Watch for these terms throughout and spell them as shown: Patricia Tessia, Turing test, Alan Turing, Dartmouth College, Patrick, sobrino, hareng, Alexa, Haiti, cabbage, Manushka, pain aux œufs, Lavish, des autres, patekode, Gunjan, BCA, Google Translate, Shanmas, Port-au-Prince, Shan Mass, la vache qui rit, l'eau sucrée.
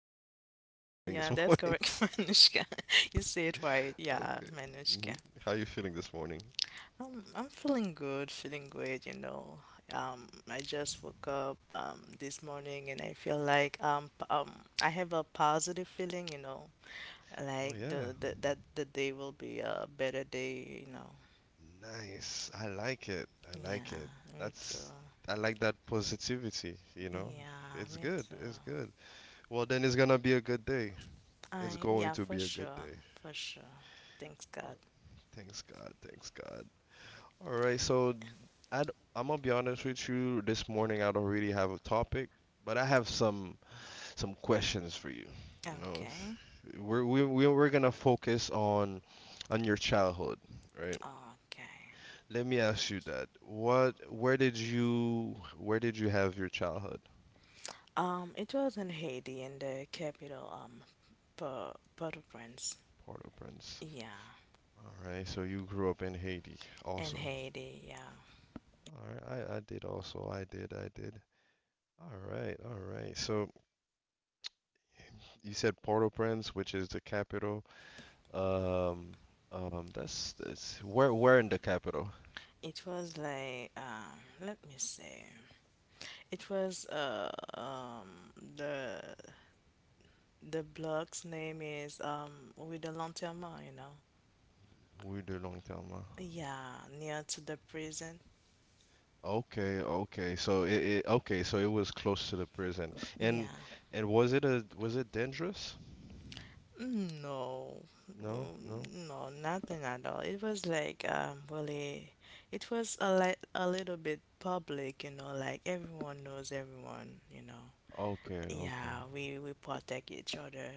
correct, Manushka. You say it right. Yeah, Okay. Manushka. hmm How you feeling this morning? I'm feeling good, feeling great, you know. I just woke up this morning, and I feel like I have a positive feeling, you know. Oh Like yeah. The day will be a better day, you know. Nice. I like it. I like Yeah, it. me too. That's I like that positivity, you know? Yeah, It's me good. too. It's good. Well, then it's gonna be a good day. It's going to For be a good sure, day. for sure. Thanks All God. right. Thanks God. Thanks God. All right. So I am gonna be honest with you. This morning I don't really have a topic, but I have some questions for you. You know, Okay, we're gonna focus on your childhood, right? okay. Let me ask you that. What, where did you have your childhood? It was in Haiti, in the capital, Port-au-Prince. Port-au-Prince. Yeah, All right, so you grew up in Haiti in also. Haiti. Yeah, All right, I did also. I did, I did. All right, all right. So you said Port-au-Prince, which is the capital. Um, that's where in the capital? it was like, let me say, it was the the block's name is, with the lanterne, you know. We do long term. Huh? Yeah, near to the prison. Okay, okay. So okay, so it was close to the prison. And Yeah. and was it dangerous? No, No, no. mm, no, nothing at all. It was like, really, it was a little bit public, you know, like everyone knows everyone, you know. Okay, Yeah, okay, we protect each other,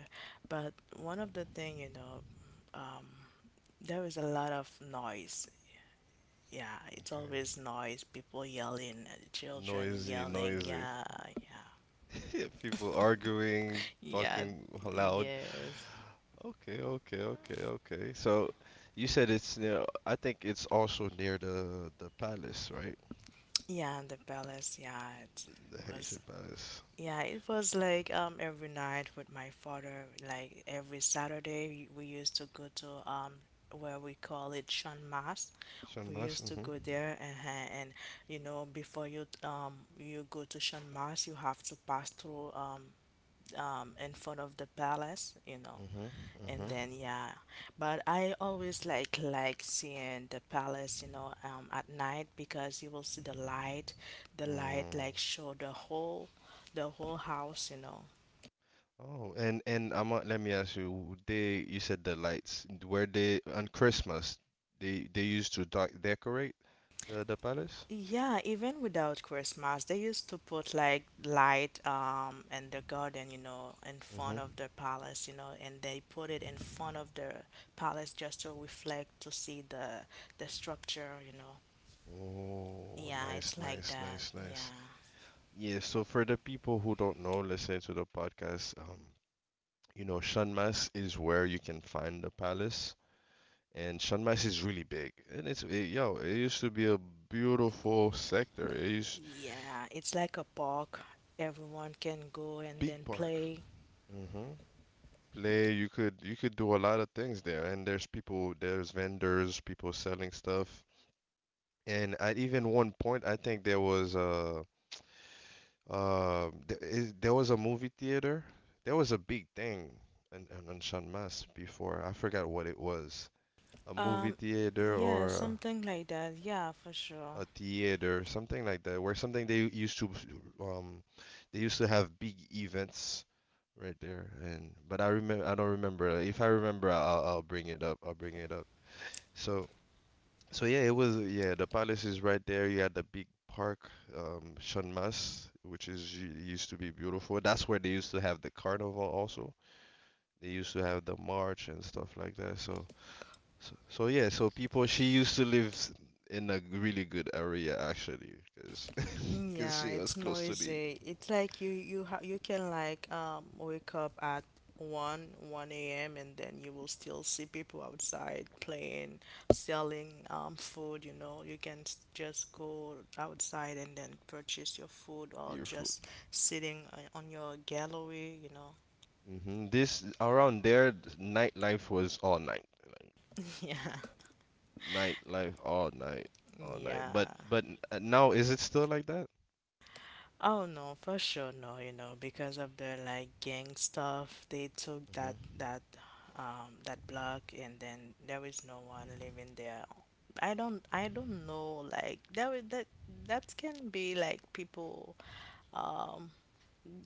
but one of the thing, you know, um, there is a lot of noise. Yeah, it's okay. always noise. People yelling, children Noisy, yelling. noisy. Yeah, yeah, People arguing, yeah, talking loud. yes. Okay, okay, okay, okay. So you said it's near, I think it's also near the palace, right? Yeah, the palace. Yeah, it The Haitian was. palace. Yeah, it was like, every night with my father, like every Saturday we used to go to, where we call it Shan Mass. Saint We Mas. used to go there, and you know, before you go to Shan Mass, you have to pass through, in front of the palace, you know, hmm and hmm then yeah. But I always like, seeing the palace, you know, at night, because you will see the light, like show the whole house, you know. Oh, and I'm let me ask you, they you said the lights, were they on Christmas? They used to decorate the palace? Yeah, even without Christmas they used to put like light, in the garden, you know, in Mm-hmm. front of the palace, you know, and they put it in front of the palace just to reflect, to see the structure, you know. Oh, Yeah, nice, it's like nice, that, nice, nice. yeah. Yeah, so for the people who don't know, listening to the podcast, Shanmas is where you can find the palace, and Shanmas is really big. And yo, it used to be a beautiful sector. It used Yeah, it's like a park. Everyone can go and big then park. play. Mm-hmm. Play, you could do a lot of things there, and there's people, there's vendors, people selling stuff. And at even one point, I think there was a movie theater. There was a big thing in San Mas before. I forgot what it was. A movie Um, theater yeah, or something like that. Yeah, for sure. a theater, something like that, where something um they used to have big events right there. And but I don't remember. If I remember, I'll bring it up. I'll bring it up. So so, yeah, it was, yeah. The palace is right there. You had the big park, Shanmas, which is used to be beautiful. That's where they used to have the carnival also. They used to have the march and stuff like that. So so, so yeah. So people, she used to live in a really good area, actually, because Yeah, she was it's close to the noisy. It's like you can like, wake up at 1 a.m., and then you will still see people outside playing, selling, food, you know. You can, just go outside and then purchase your food, or near food. just sitting, on your gallery, you know. This around there, nightlife was all night, like, Yeah. nightlife all night, all night. But Yeah. but now is it still like that? Oh no, for sure no, you know, because of the like gang stuff, they took Mm-hmm. That block, and then there was no one living there. I don't know, like that was that can be like people, um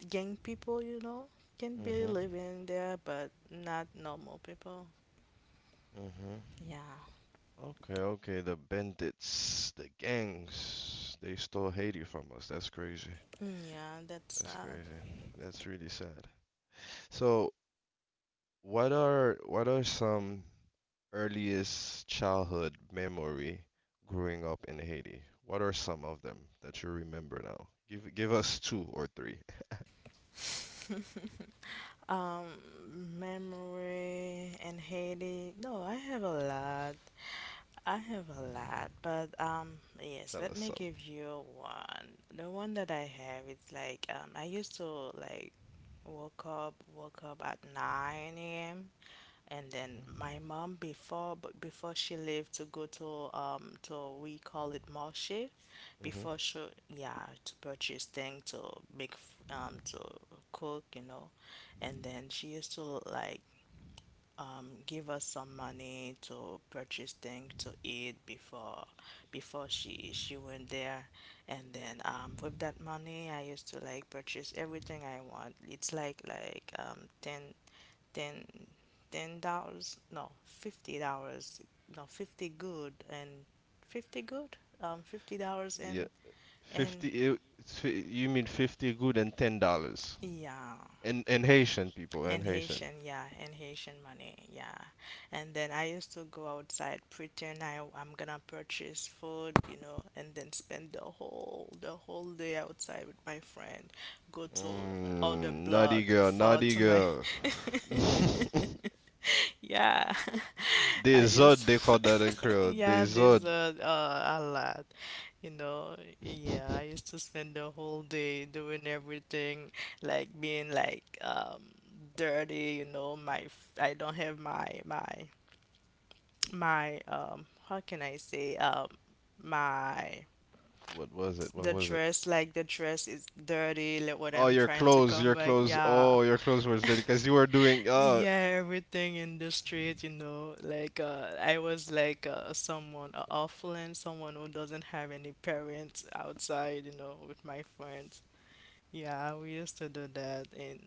gang people, you know, can be Mm-hmm. living there, but not normal people. Mm-hmm. Yeah. Okay, okay. The bandits, the gangs, they stole Haiti from us. That's crazy. Mm, yeah, that's That's sad. crazy. That's really sad. So, what are some earliest childhood memory growing up in Haiti? What are some of them that you remember now? Give us two or three. Um, memory and Haiti. No, I have a lot. I have a lot, but, yes, Tell let us me some. give you one. The one that I have, it's like, I used to like woke up at 9 a.m. And then my mom, before she left to go to, we call it marché, Mm-hmm. before she yeah, to purchase things to make f- um to cook, you know. And then she used to like, give us some money to purchase things to eat before she went there, and then, with that money I used to like purchase everything I want. It's ten ten ten dollars, no $50, no 50 good, and 50 good, $50. Yeah. And 50, you mean 50 good and $10. yeah. And Haitian people In and Haitian. Haitian, yeah, in Haitian money, yeah. And then I used to go outside, pretend I'm gonna purchase food, you know, and then spend the whole day outside with my friend. Go to other Naughty block, girl, fall naughty to my, girl. yeah. I Des autres, used, they call that in Creole. yeah, Des there's, autres. A lot, you know. Yeah, I used to spend the whole day doing everything, like being like, dirty, you know. I don't have my, how can I say, my, What was it? What the was it? dress, like the dress is dirty, like what Oh, I'm your trying to clothes, come your back, clothes. yeah. Oh, your clothes were dirty because you were doing. Yeah, everything in the street, you know. Like, I was like, someone, orphan, someone who doesn't have any parents outside, you know, with my friends. Yeah, we used to do that. And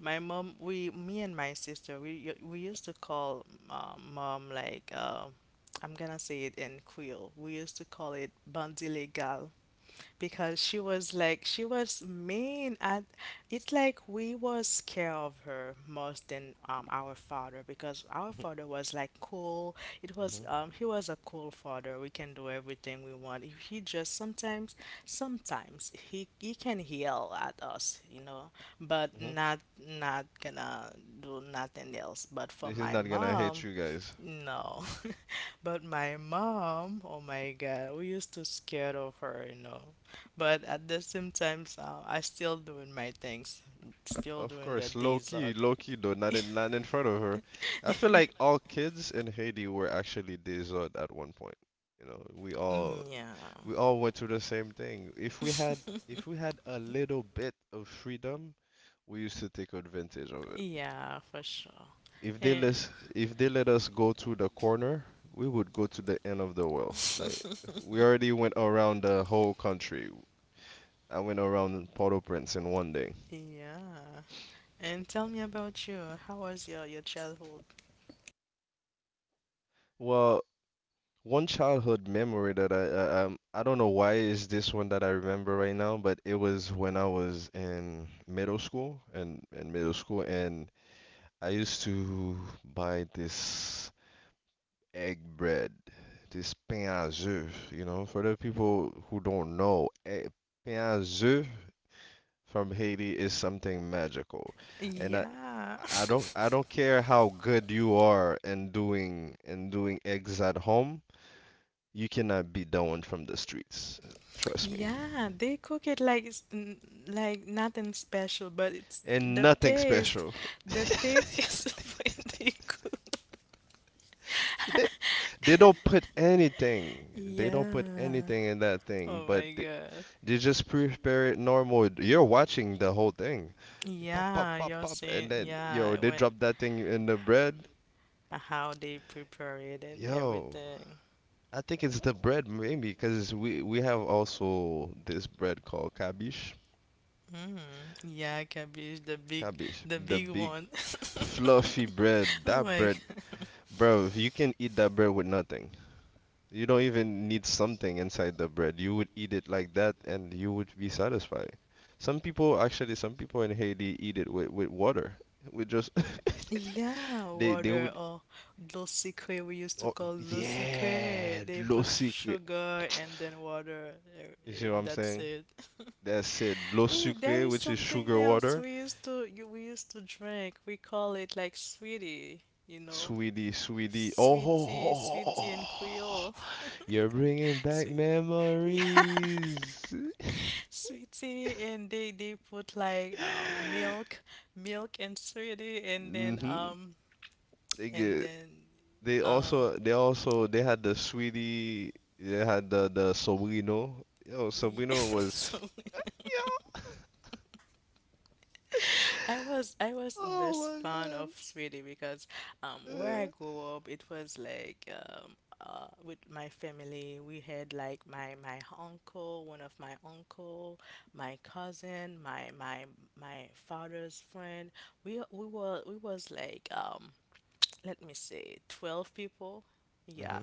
my mom, me and my sister, we used to call, mom, like, I'm gonna say it in Creole. We used to call it bandit legal, because she was she was mean. And it's like we was scared of her most than, our father, because our father was like cool. It was, hmm he was a cool father, we can do everything we want. He, just sometimes, he can yell at us, you know, but hmm not, not gonna do nothing else. But for This is my not gonna hate mom, you guys. no. But my mom, oh my God, we used to scared of her, you know. But at the same time, I still doing my things, still Of doing the course, dessert. low key though, not in front of her. I feel like all kids in Haiti were actually des autres at one point. You know, Yeah. we all went through the same thing. If we had a little bit of freedom, we used to take advantage of it. Yeah, for sure. If they Yeah. let if they let us go to the corner, we would go to the end of the world. Like we already went around the whole country. I went around Port-au-Prince in one day. Yeah. And tell me about you. How was your childhood? Well, one childhood memory that I I don't know why is this one that I remember right now, but it was when I was in middle school and in middle school and I used to buy this egg bread, this pain aux œufs. You know, for the people who don't know, eh, pain aux œufs from Haiti is something magical. And Yeah. I don't care how good you are in doing eggs at home. You cannot beat that one from the streets. Trust me. Yeah, they cook it like it's, like nothing special, but it's And the nothing taste. special. The taste is when they cook. They, they don't put anything. They don't put Yeah. anything in that thing, Oh but my God. they just prepare it normal. You're watching the whole thing. Pop, pop, Yeah, pop, you're pop. And saying then, yo, yeah, they when drop that thing in the bread. how they prepare it and Yo, everything. I think it's the bread, maybe, because we have also this bread called cabbage. Mm. Yeah, cabbage, Cabbage, the the big big one. fluffy bread. Oh That my bread, God. bro, you can eat that bread with nothing. You don't even need something inside the bread. You would eat it like that and you would be satisfied. Some people, actually, some people in Haiti eat it with, water, with just. Yeah, They water, would. or dulce que, we used to Oh call dulce que. yeah, They low put secret. sugar and then water, You eh, see what and I'm that's saying? it. That's it. L'eau Eh, there sucrée, is which is something sugar else water. we used to, you we used to drink. We call it like sweetie, you know. Sweetie, sweetie. Oh, ho, ho, Sweetie, ho, ho, sweetie and ho. Creole, You're bringing back sweet, yeah, memories. sweetie. And they put like, milk, and sweetie, and then, hmm They and get. then They uh also. They also. They had the sweetie. They had the sobrino. Yo, sobrino was. so Yo. I was the best Oh fan my god. of Sweetie, because, where I grew up it was like, with my family we had like, my uncle, one of my uncle, my cousin, my father's friend. We was like, let me say, 12 people. Uh, Yeah, hmm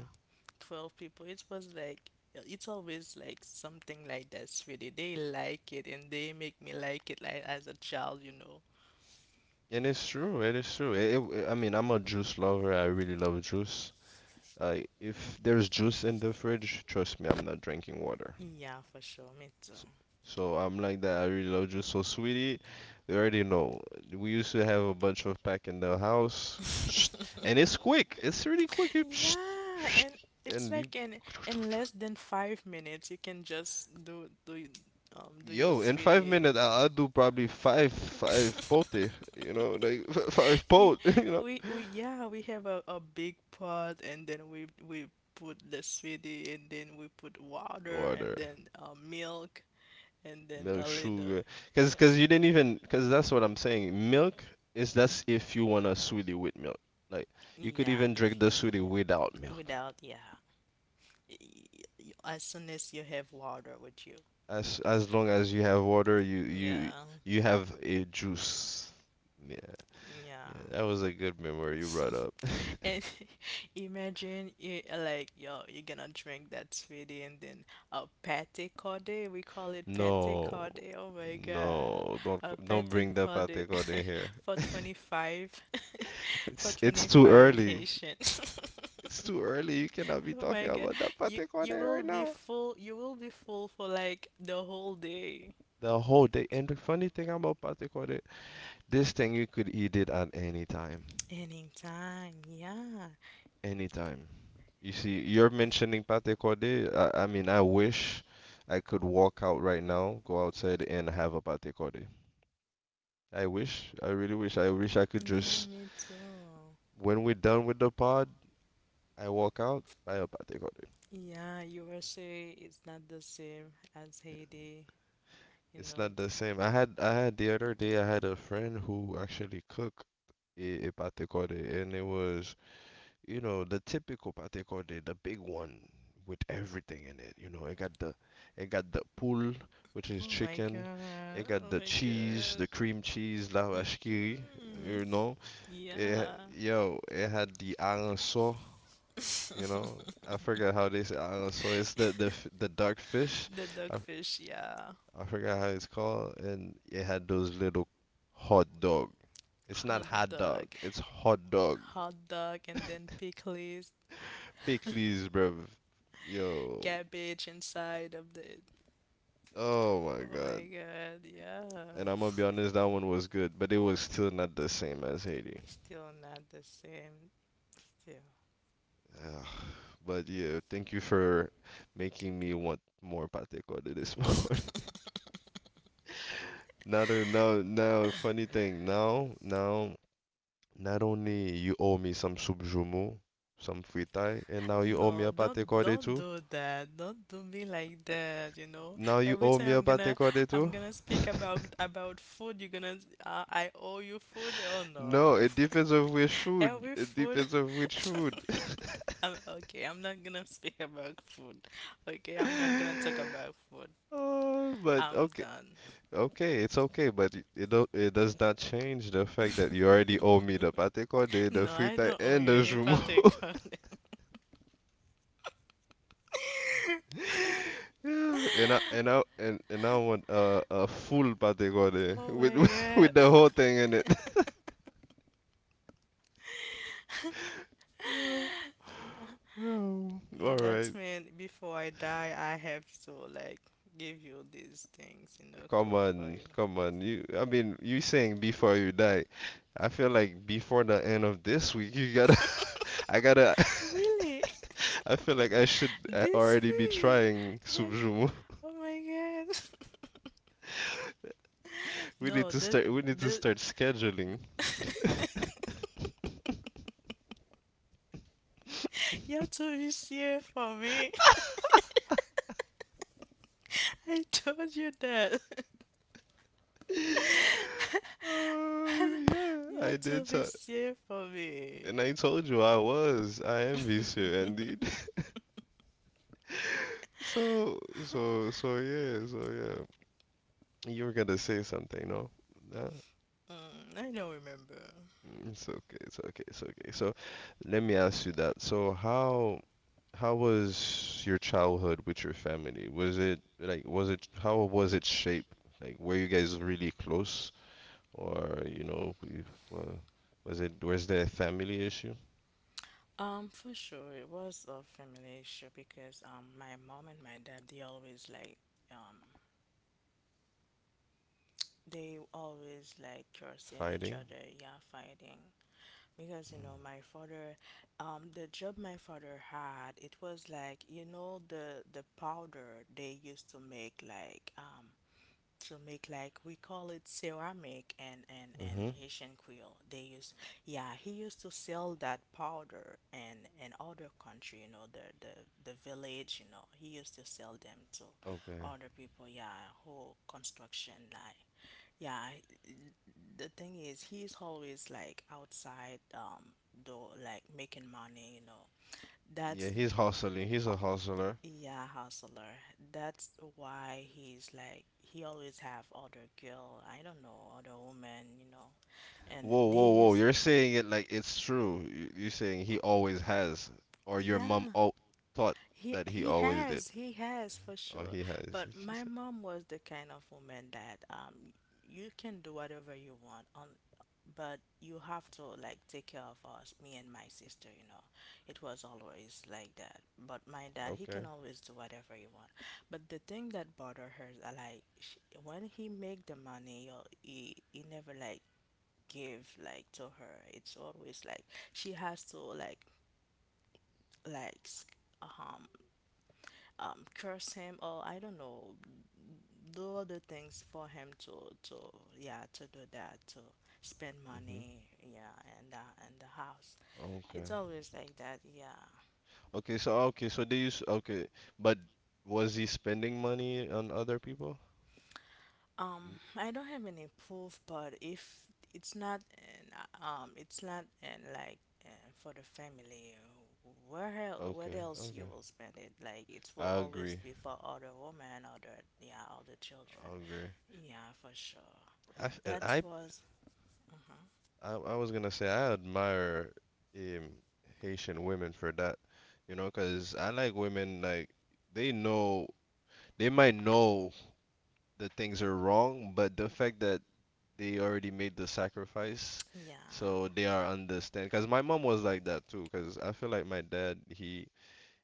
12 people. It was like it's always like something like that, sweetie. They like it, and they make me like it, like as a child, you know. And it's true. It is true. I mean, I'm a juice lover. I really love juice. If there's juice in the fridge, trust me, I'm not drinking water. Yeah, for sure, me too. S- So I'm like that. I really love juice. So, sweetie, you already know. We used to have a bunch of pack in the house, and it's quick. It's really quick. You, Yeah, and it's and you, like in less than 5 minutes you can just do your yo, in five sweetie. minutes, I'll do probably five, pote. You know, like five Ye- pot. You know. we, yeah, we have a big pot, and then we put the sweetie, and then we put water, Order, and then, milk, and then milk, a little. sugar, because you didn't even, because that's what I'm saying. Milk is, that's, if you want a sweetie with milk. Like, you could Yeah, even drink if you the sweetie want without it. milk. Without, yeah. As soon as you have water with you. As long as you have water, Yeah, you have a juice. Yeah, yeah. yeah, that was a good memory you brought up. And imagine you like, yo, you're gonna drink that sweetie, and then a pate corde, we call it pate No, corde. Oh my god. no, A don't pate bring the corde pate corde here. for 25 for It's too 25 early. Haitian. It's too early. You cannot be Oh talking my God. about the You pate corde you will right be now, full. You will be full for like the whole day. the whole day. And the funny thing about patekode, this thing you could eat it at any time, Anytime, yeah. anytime. You see, you're mentioning patekode. I mean, I wish I could walk out right now, go outside and have a patekode. I wish, I really wish I could Yeah, just me too. when we're done with the pod, I walk out, buy a patekode. Yeah, USA is not the same as Haiti, you It's know. not the same. I had the other day I had a friend who actually cooked a patekode, and it was. You know, the typical pate corde, the big one with everything in it. You know, it got the pool, which Oh is my chicken. God. It got Oh the my cheese, God. the cream cheese, la vache qui rit, Hmm. you know. Yeah. Yo, it had the hareng, you know. I forget how they say hareng. It's the the dark fish. The I dogfish, yeah. I forgot how it's called, and it had those little hot dog. It's not Hot hot dog. dog. It's hot dog. Hot dog and then pickles. Pickles, bruv. Yo. Garbage inside of the. Oh my Oh god. my god, yeah. And I'm gonna be honest, that one was good, but it was still not the same as Haiti. It's still not the same. Ugh, but yeah, thank you for making me want more pate corde this morning. Still. Now, funny thing. Now, now, not only you owe me some subjumu, some fritai, and now you owe me No, a pate don't corde don't too. do that. Don't do me like that, you know. Now you Every owe time, me a pate corde I'm too. gonna speak about food, you're gonna, I owe you food. Oh no. No, it depends on which food. Every It food. depends on which food. I'm, okay, I'm not gonna speak about food. Okay, I'm not gonna talk about food. But I'm okay, done. okay, it's okay, but it, don't, it does not change the fact that you already owe me the patekode, the No, I frita, don't owe and you the any jumeau. particular. Yeah, and I want a full patekode Oh with my with the god. whole thing in it. Yeah, yeah. All right, That means before I die, I have to like give you these things, you know, come cook for on, you. come on. I mean, you saying before you die. I feel like before the end of this week, you gotta, I gotta, Really? I feel like I should This already be way? trying. Yes. Oh my god. We need No, to this, start we need to this. start scheduling. You have to be safe for me. I told you that. Oh, You yeah, I have did to be so safe for me. and I told you I was. I am VC indeed. So yeah, so yeah. You were gonna say something, no? No. Mm, I don't remember. It's okay, it's okay, it's okay. So let me ask you that. So how was your childhood with your family? Was it like was it how was it shaped? Like were you guys really close, or wa- was there a family issue? For sure, it was a family issue, because, my mom and my dad, they always like, um, they always like cursing each Fighting? other, yeah, fighting. Because you know, my father, the job my father had, it was like, you know, the powder they used to make like, to make like, we call it ceramic, Mm-hmm. and Haitian quill. They use, yeah, he used to sell that powder and in other country, you know, the village, you know. He used to sell them to Okay. other people, yeah, whole construction like, yeah, the thing is, he's always like outside, though like making money, you know. Yeah, That's, he's hustling. He's a hustler. yeah, hustler. That's why he's like he always have other girl, I don't know, other woman, you know. And Whoa, they whoa, whoa. use You're saying it like it's true. You're saying he always has, or your mom yeah, all thought he that he he always did, has, he has for or sure. he has. But She my said. mom was the kind of woman that you can do whatever you want on, but you have to like take care of us, me and my sister, you know. It was always like that. But my dad, he Okay. can always do whatever he want. But the thing that bothered her is like when he make the money, yo, he never like give like to her. It's always like she has to like like s- um curse him or I don't know, do other things for him to, yeah, to do that to spend Mm-hmm. money, yeah, and and the house, Okay. it's always like that, yeah. Okay, so okay, so they use, okay, but was he spending money on other people? N- I don't have any proof, but if it's not an, it's not an, like, for the family, where Okay, else you okay. will spend it? Like, it will I always agree. be for other women, other, yeah, other children, I agree. yeah, for sure. And That I was I, I was gonna say I admire, um Haitian women for that, you know, 'cause I like women like, they know they might know that things are wrong, but the fact that they already made the sacrifice, yeah. so they are understand. 'Cause my mom was like that too. 'Cause I feel like my dad, he,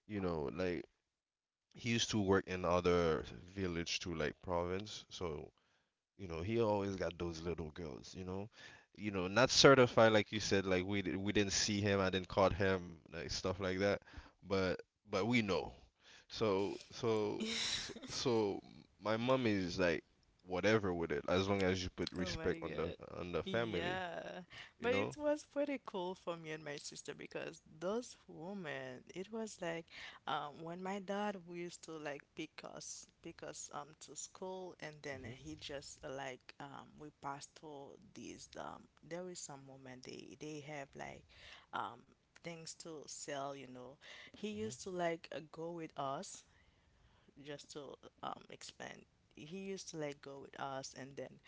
you know, like, he used to work in other village, to like province, so you know he always got those little girls, you know, you know, not certified, like you said, like we didn't see him, I didn't caught him, like stuff like that, but but we know, so so so, so my mom is like whatever with it, as long as you put Oh my respect on the God. Family Yeah. you But know. it was pretty cool for me and my sister because those women, it was like when my dad, we used to like pick us to school, and then Hmm. he just like, we passed through these, there is some women, they have like um things to sell, you know. He Hmm. used to like go with us just to explain. He used to like go with us, and then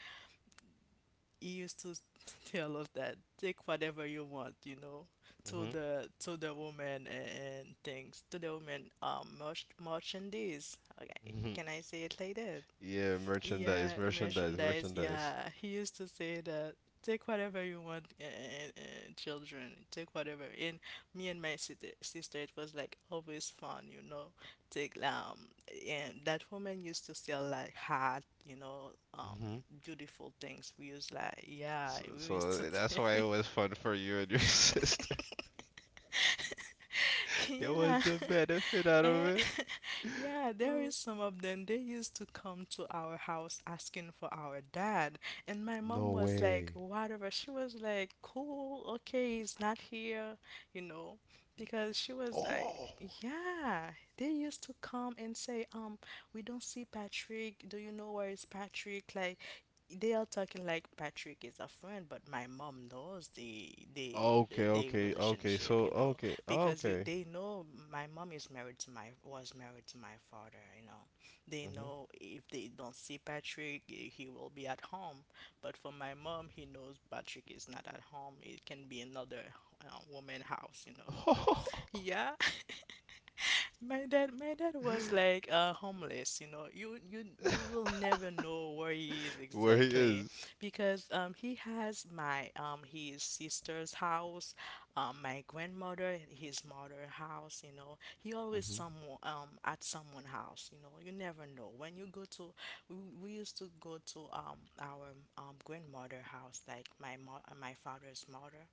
he used to tell us that take whatever you want, you know, to Hmm. the woman, and things to the woman, merchandise. Okay, Hmm. can I say it like that? Yeah, merchandise, Yeah, merchandise, merchandise. merchandise. Yeah, he used to say that take whatever you want, children, take whatever. And me and my sister, it was like always fun, you know. Take and that woman used to sell like hat, you know, beautiful things. We used like yeah, So, we used so to. that's why it was fun for you and your sister. There Yeah. was a benefit out of Eh, it. yeah, there is some of them. They used to come to our house asking for our dad. And my No mom was like, way. whatever. She was like, cool, okay, he's not here, you know, because she was like, Oh. yeah, they used to come and say, we don't see Patrick. Do you know where is Patrick? Like, they are talking like Patrick is a friend, but my mom knows Okay, the okay, okay. relationship, So, you know, okay, because you okay. they know my mom is married to my was married to my father, you know. They Mm-hmm. know if they don't see Patrick, he will be at home. But for my mom, he knows Patrick is not at home. It can be another woman house, you know. Yeah. My dad was like homeless. You know, you will never know where he is Where he exactly, is. because he has my his sister's house, my grandmother, his mother house. You know, he always Mm-hmm. someone at someone house. You know, you never know when you go to. We used to go to our grandmother house, like my my father's mother.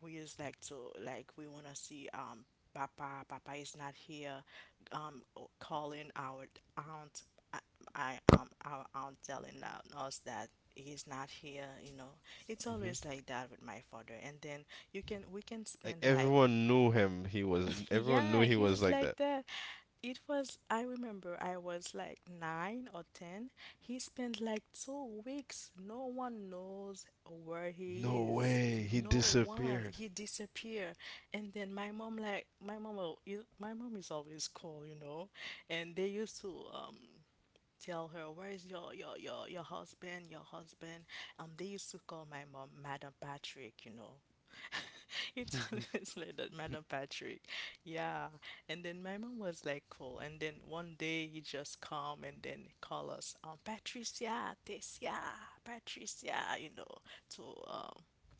We is like to like we want to see, papa, papa is not here. um Calling our aunt, i, I, our aunt telling us that he's not here, you know. It's Mm-hmm. always like that with my father. And then you can, we can Like spend like everyone knew him. He was. Everyone knew yeah, he was he's like like that. that. It was, I remember I was like 9 or 10. He spent like 2 weeks. No one knows where he No is. way. He No one. disappeared. He disappeared. And then my mom like my mom will, my mom is always cool, you know. And they used to tell her, where's your husband, your husband? They used to call my mom Madam Patrick, you know. It's always like that, Madam Patrick, yeah. And then my mom was like cool, and then one day he just come and then call us, Patricia, Tessia, Patricia, you know, to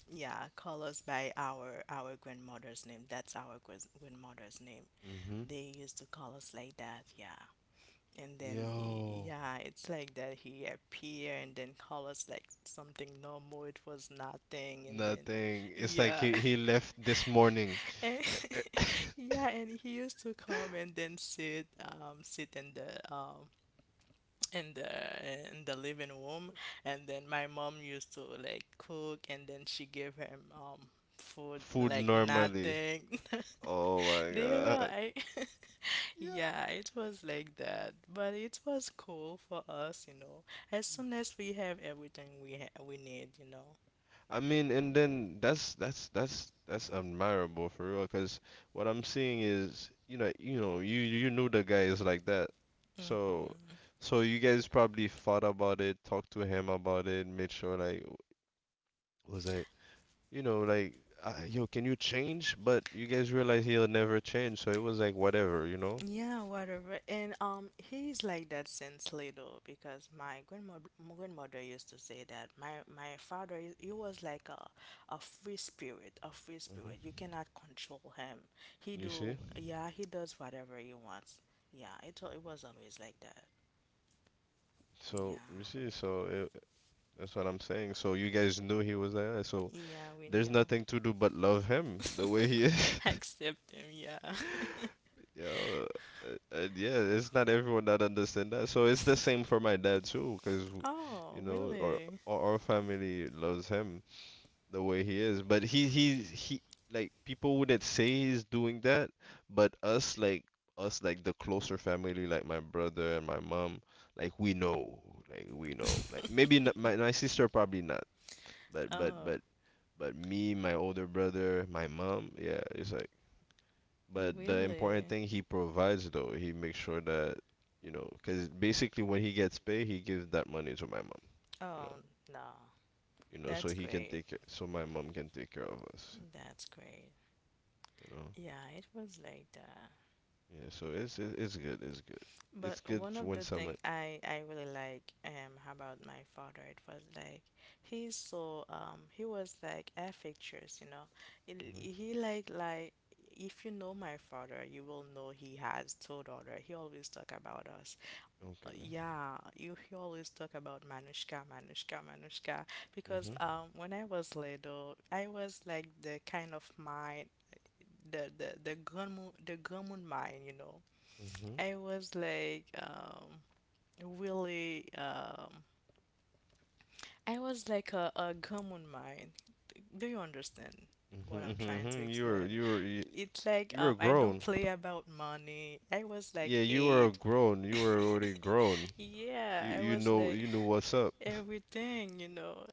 yeah, call us by our grandmother's name. That's our grandmother's name. Mm-hmm. They used to call us like that, yeah. And then, Yo. yeah, it's like that, he appear and then call us like something normal. It was nothing. And then, Nothing. It's like yeah, he left this morning. and yeah, and he used to come and then sit, sit in the in the living room. And then my mom used to like cook, and then she gave him food Food like normally. nothing. Oh my They were god. I Yeah. Yeah, it was like that, but it was cool for us, you know. As soon as we have everything we ha we need, you know. I mean, and then that's admirable for real. 'Cause what I'm seeing is, you know, you knew the guy is like that. So, Hmm. so you guys probably thought about it, talked to him about it, made sure, like was like, you know, like, yo, can you change? But you guys realize he'll never change. So it was like whatever, you know. Yeah, whatever. And he's like that since little, because my grandmother used to say that my father, he was like a free spirit, a free Hmm. spirit. You cannot control him. He You see? do, yeah, he does whatever he wants. Yeah, it was always like that. So you Yeah, see, so it, that's what I'm saying. So you guys knew he was there. So yeah, we there's knew. nothing to do but love him the way he is. Accept them, yeah. Yo, uh, uh, yeah, it's not everyone that understand that. So it's the same for my dad too, because you Oh, know, our really? Family loves him the way he is. But he like, people wouldn't say he's doing that, but us like the closer family, like my brother and my mom, like we know, like maybe not, my sister probably not, but Oh, me, my older brother, my mom, yeah, it's like. But the important really? thing, he provides though, he makes sure that, you know, because basically when he gets paid, he gives that money to my mom, you know, Oh, no. So That's he can great. take care, so my mom can take care of us, That's great. you know. Yeah, it was like that. Yeah, so it's it's good. It's good. It's But good one to of win the summit. things I really like about my father, it was like he's so he was like affectuous, you know. Hmm. He, he like if you know my father, you will know he has two daughter. He always talk about us. Okay, man. Yeah, you, he always talk about Manushka, Manushka, Manushka. Because Mhm. When I was little, I was like the kind of mind, the grandma mind, you know. Mhm. I was like really I was like a grandma mind. Do you understand what Mhm. I'm Mhm. trying to Mhm. You were explain? you were you, It's you like were I don't grown. play about money. I was like Yeah, you were 8. grown. You were already grown. Yeah, You I you was know like you know what's up. everything, you know.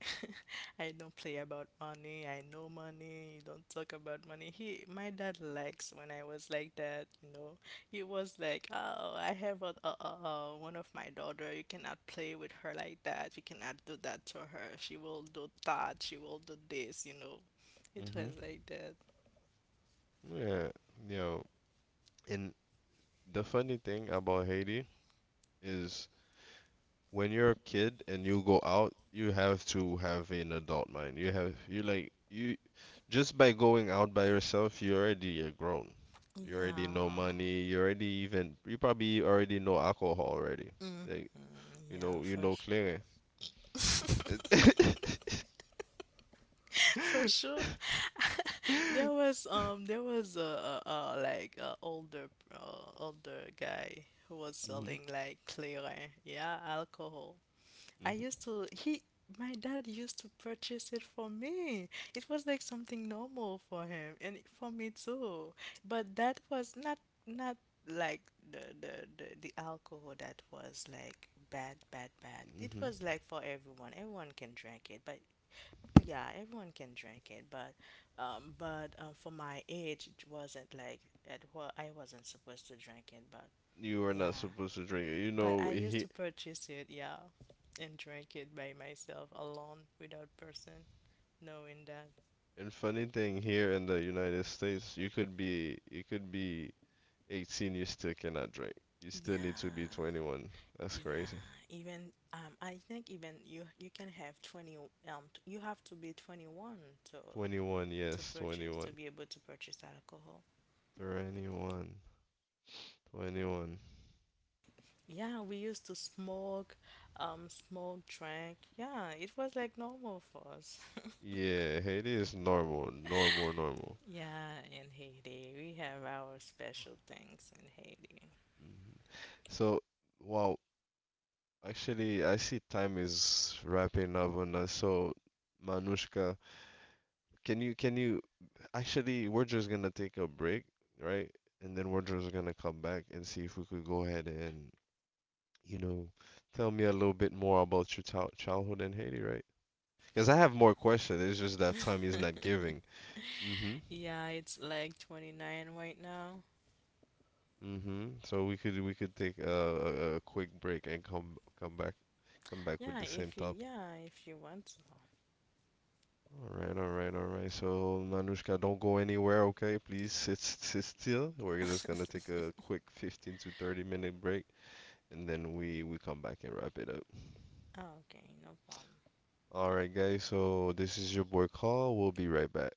I don't play about money. I know money. You don't talk about money. He, my dad likes when I was like that, you know. He was like, "Oh, I have a one of my daughter. You cannot play with her like that. You cannot do that to her. She will do that. She will do this, you know." It Mhm. was like that. Yeah. You know, and the funny thing about Haiti is, when you're a kid and you go out, you have to have an adult mind. You have you like you just by going out by yourself, you already are grown. You already know Yeah. money. You already, even you probably already know alcohol already. Hmm. Like you Yeah, know you for know sure. clearing. For sure. There was a like a older older guy who was Hmm. selling like clearing, yeah, alcohol. I used to he, my dad used to purchase it for me. It was like something normal for him and for me too. But that was not not like the alcohol that was like bad bad bad. It Hmm. was like for everyone. Everyone can drink it, but yeah, everyone can drink it, but for my age, it wasn't like it wa I wasn't supposed to drink it, but You were not yeah, supposed to drink it. You but know, I used he, to purchase it, yeah, and drink it by myself alone without person knowing that. and funny thing, here in the United States, you could be, 18, you still cannot drink. You still need to be Yeah, 21. That's yeah. crazy. Even I think even you you can have 20 you have to be 21 to 21, yes, purchase, to 21. be able to purchase alcohol. 21, 21. Yeah, we used to smoke, smoke, drink. Yeah, it was like normal for us. Yeah, Haiti is normal, normal, normal. Yeah, in Haiti, we have our special things in Haiti. Hmm. So, wow, actually, I see time is wrapping up on us. So, Manushka, can you, actually, we're just gonna take a break, right? And then we're just gonna come back and see if we could go ahead and, you know, tell me a little bit more about your childhood in Haiti, right? Because I have more questions. It's just that time is not giving. Mm-hmm. Yeah, it's like 29 right now. Mm-hmm. So we could, take a quick break and come back with the same topic. Yeah, if you want to. All right, all right, all right. So Manushka, don't go anywhere, okay? Please sit still. We're just gonna take a quick 15 to 30 minute break, and then we come back and wrap it up. Oh, okay, no problem. All right, guys. So this is your boy Carl. We'll be right back.